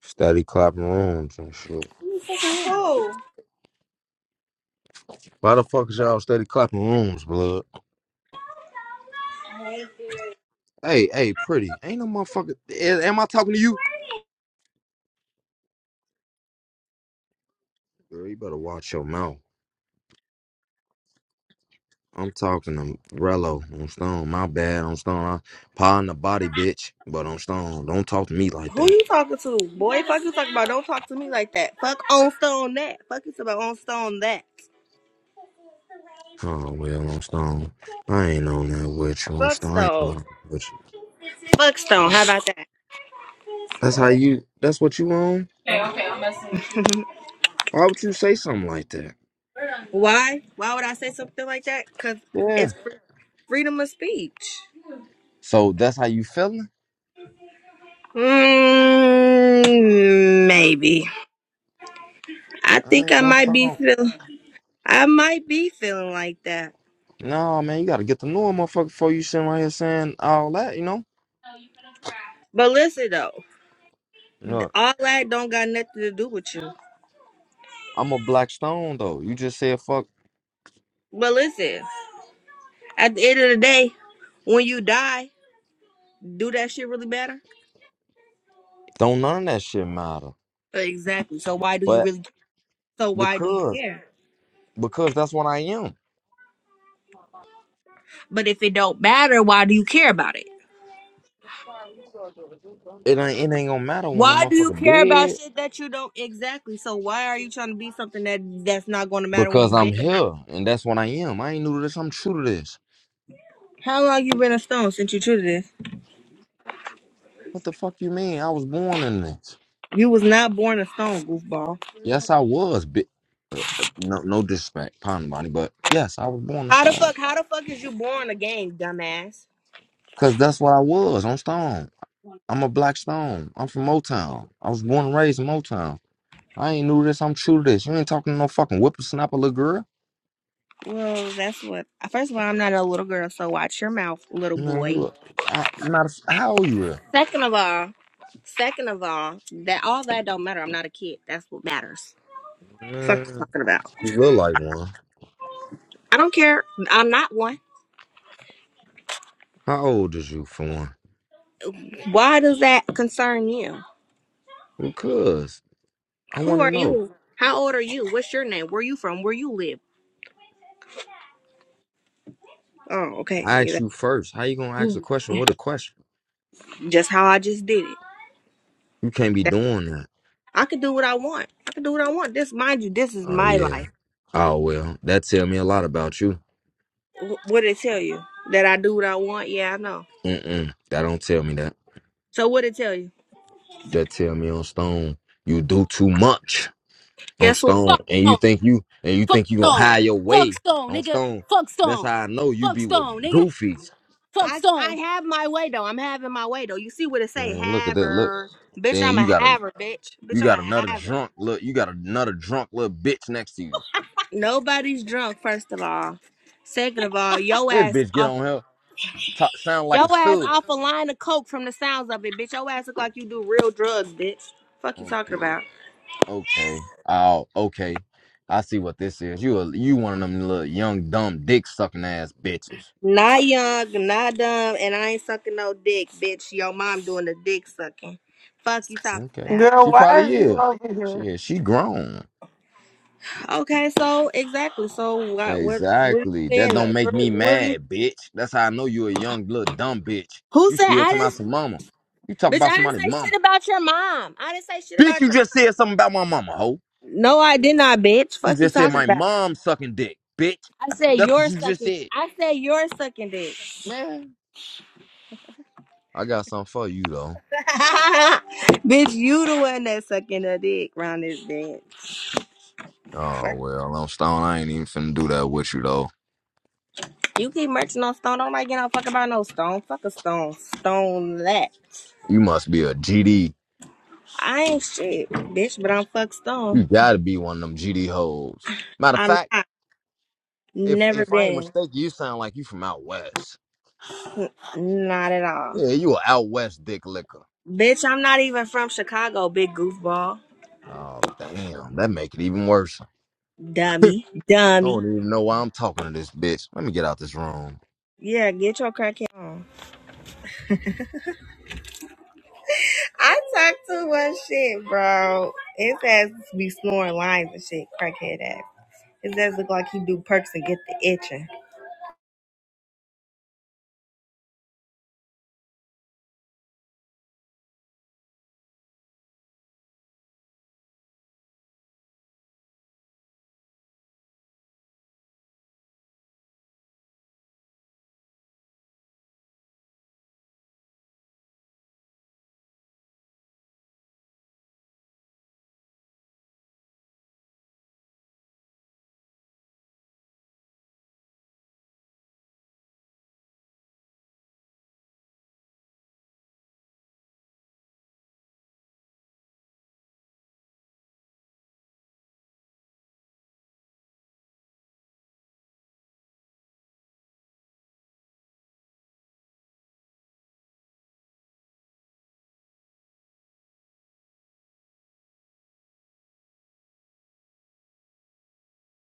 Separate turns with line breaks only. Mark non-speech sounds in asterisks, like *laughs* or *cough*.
Steady clapping rooms and shit.
Who?
Why the fuck is y'all steady clapping rooms, blood? Hey, hey, pretty. Ain't no motherfucker. a- Am I talking to you? Girl, you better watch your mouth. I'm talking to Rello on Stone. My bad on Stone. I pie in the body, bitch. But on Stone, don't talk to me like
Who
that.
you talking to? Boy, fuck you talking about. Don't talk to me like that. Fuck on stone that. Fuck you about on stone that.
Oh well, on Stone. I ain't on that with you on
Fuck,
Stone. I ain't talking with you.
fuck stone.
Oh,
How about that?
that's how you. That's what you on. Why would you say something like that?
Why? Why would I say something like that? Because
Yeah.
it's free, freedom of speech.
So that's how you feeling?
Mm, maybe. I
I
think
ain't
I
on
might be
Stone.
feeling. I might be feeling like that.
No, man, you gotta get to know a motherfucker before you sitting right here saying all that, you know?
But listen though,
Look,
all that don't got nothing to do with you.
I'm a black stone though. You just said fuck
But listen, at the end of the day, when you die. do that shit really matter?
don't none of that shit matter.
Exactly. So why do you
But
really so why do you
because
care?
because that's what I am.
But if it don't matter, why do you care about it?
It ain't it ain't gonna matter when the
Why do you
motherfucker
care about
dead
shit that you don't exactly? So why are you trying to be something that that's not going to matter when
because
you
I'm
dead?
here and that's what I am. I ain't new to this, I'm true to this.
How long you been a stone since you treated this?
What the fuck you mean? I was born in this.
You was not born a stone, goofball.
Yes, I was. Bi- no, no disrespect, pardon, Bonnie, but yes, I was born a
How the
stone.
fuck? How the fuck is you born a game, dumbass?
Cause that's what I was on stone. I'm a black stone. I'm from Motown. I was born and raised in Motown. I ain't new to this. I'm true to this. You ain't talking to no fucking whippersnapper little girl.
Well, that's what. First of all, I'm not a little girl, so watch your mouth, little
Man,
boy.
look. I, matter of fact, how old you is?
Second of all, second of all, that all that don't matter. I'm not a kid. That's what matters. Fuck you
Man,
talking about.
you look like one.
I don't care. I'm not one.
How old is you for one?
Why does that concern you?
Because I
Who
want to
are
know.
you? How old are you? What's your name? Where you from? Where you live? Oh, okay.
I
Yeah,
asked you
that-
first. How you gonna ask a question with a question?
Just how I just did it.
You can't be
That-
doing that.
I could do what I want. I could do what I want. This, mind you, this is
Oh
my
yeah.
life.
Oh well, that tell me a lot about you.
Wh- What did it tell you? That I do what I want? Yeah, I know.
Mm mm. That don't tell me that.
So what did it tell you?
That tell me on stone. You do too much. on
Guess what?
stone and you think you and you think you gonna
Stone.
hide your
Fuck
way
Stone,
on
nigga.
stone
Fuck
that's
Stone.
how i know you
Fuck
be with
Stone, nigga.
goofies
Fuck I some. I have my way though. I'm having my way though. You see what it say?
Man, look at
Have
that look
her, bitch.
then
I'm a
you got a
have her, bitch. Bitch,
you
I'm
got
a
another
have her.
drunk look you got another drunk little bitch next to you
Nobody's drunk. First of all, second of all, *laughs* yo
this
ass
bitch get
off.
on here talk, sound like
Yo
a
ass
stud
off a line of coke from the sounds of it, bitch. Yo ass look like you do real drugs, bitch. Fuck you talking
okay
about?
okay oh okay i see what this is you a, you one of them little young dumb dick sucking ass bitches
Not young, not dumb, and I ain't sucking no dick, bitch. Your mom doing the dick sucking. Fuck you talking
okay
about?
Girl,
she
why
probably
is you
is
over here?
Shit, she grown
Okay, so exactly. So what? What? What are you
Exactly. That
saying?
don't make
What,
me
what are you?
mad, bitch. That's how I know you a young little dumb bitch.
Who
You
said
still
I
talking
didn't
about some mama. You talking
Bitch,
about
I didn't
somebody's
say shit
mama.
about your mom. I didn't say shit
Bitch,
about
you
your.
just said something about my mama, hoe.
No, I did not, bitch.
You
Fuck you
just said
talking
my
about.
mom sucking dick, bitch.
I said
That's what
you're
you just
sucking.
said.
I said you're sucking dick.
Man. I got something for you though.
*laughs* bitch, you the one that's sucking a dick round this bitch.
Oh
Fuck.
well, I'm stone. I ain't even finna do that with you though.
You keep merching on stone. Don't like get no fuck about no stone. Fuck a stone. Stone that.
You must be a GD.
I ain't shit, bitch. But I'm fuck
You
stone.
gotta be one of them GD hoes. Matter of
I'm
fact,
not.
if
Never
if I ain't
been.
mistaken, you sound like you from out west.
Not at all.
Yeah, you a out west dick licker.
Bitch, I'm not even from Chicago. Big goofball.
Oh damn, that make it even worse. I
Dummy. Dummy.
don't even know why I'm talking to this bitch. Let me get out this room.
Yeah, get your crackhead on. I talk too much shit, bro. His ass be snoring lines and shit, crackhead ass. His ass look like he do perks and get the itching.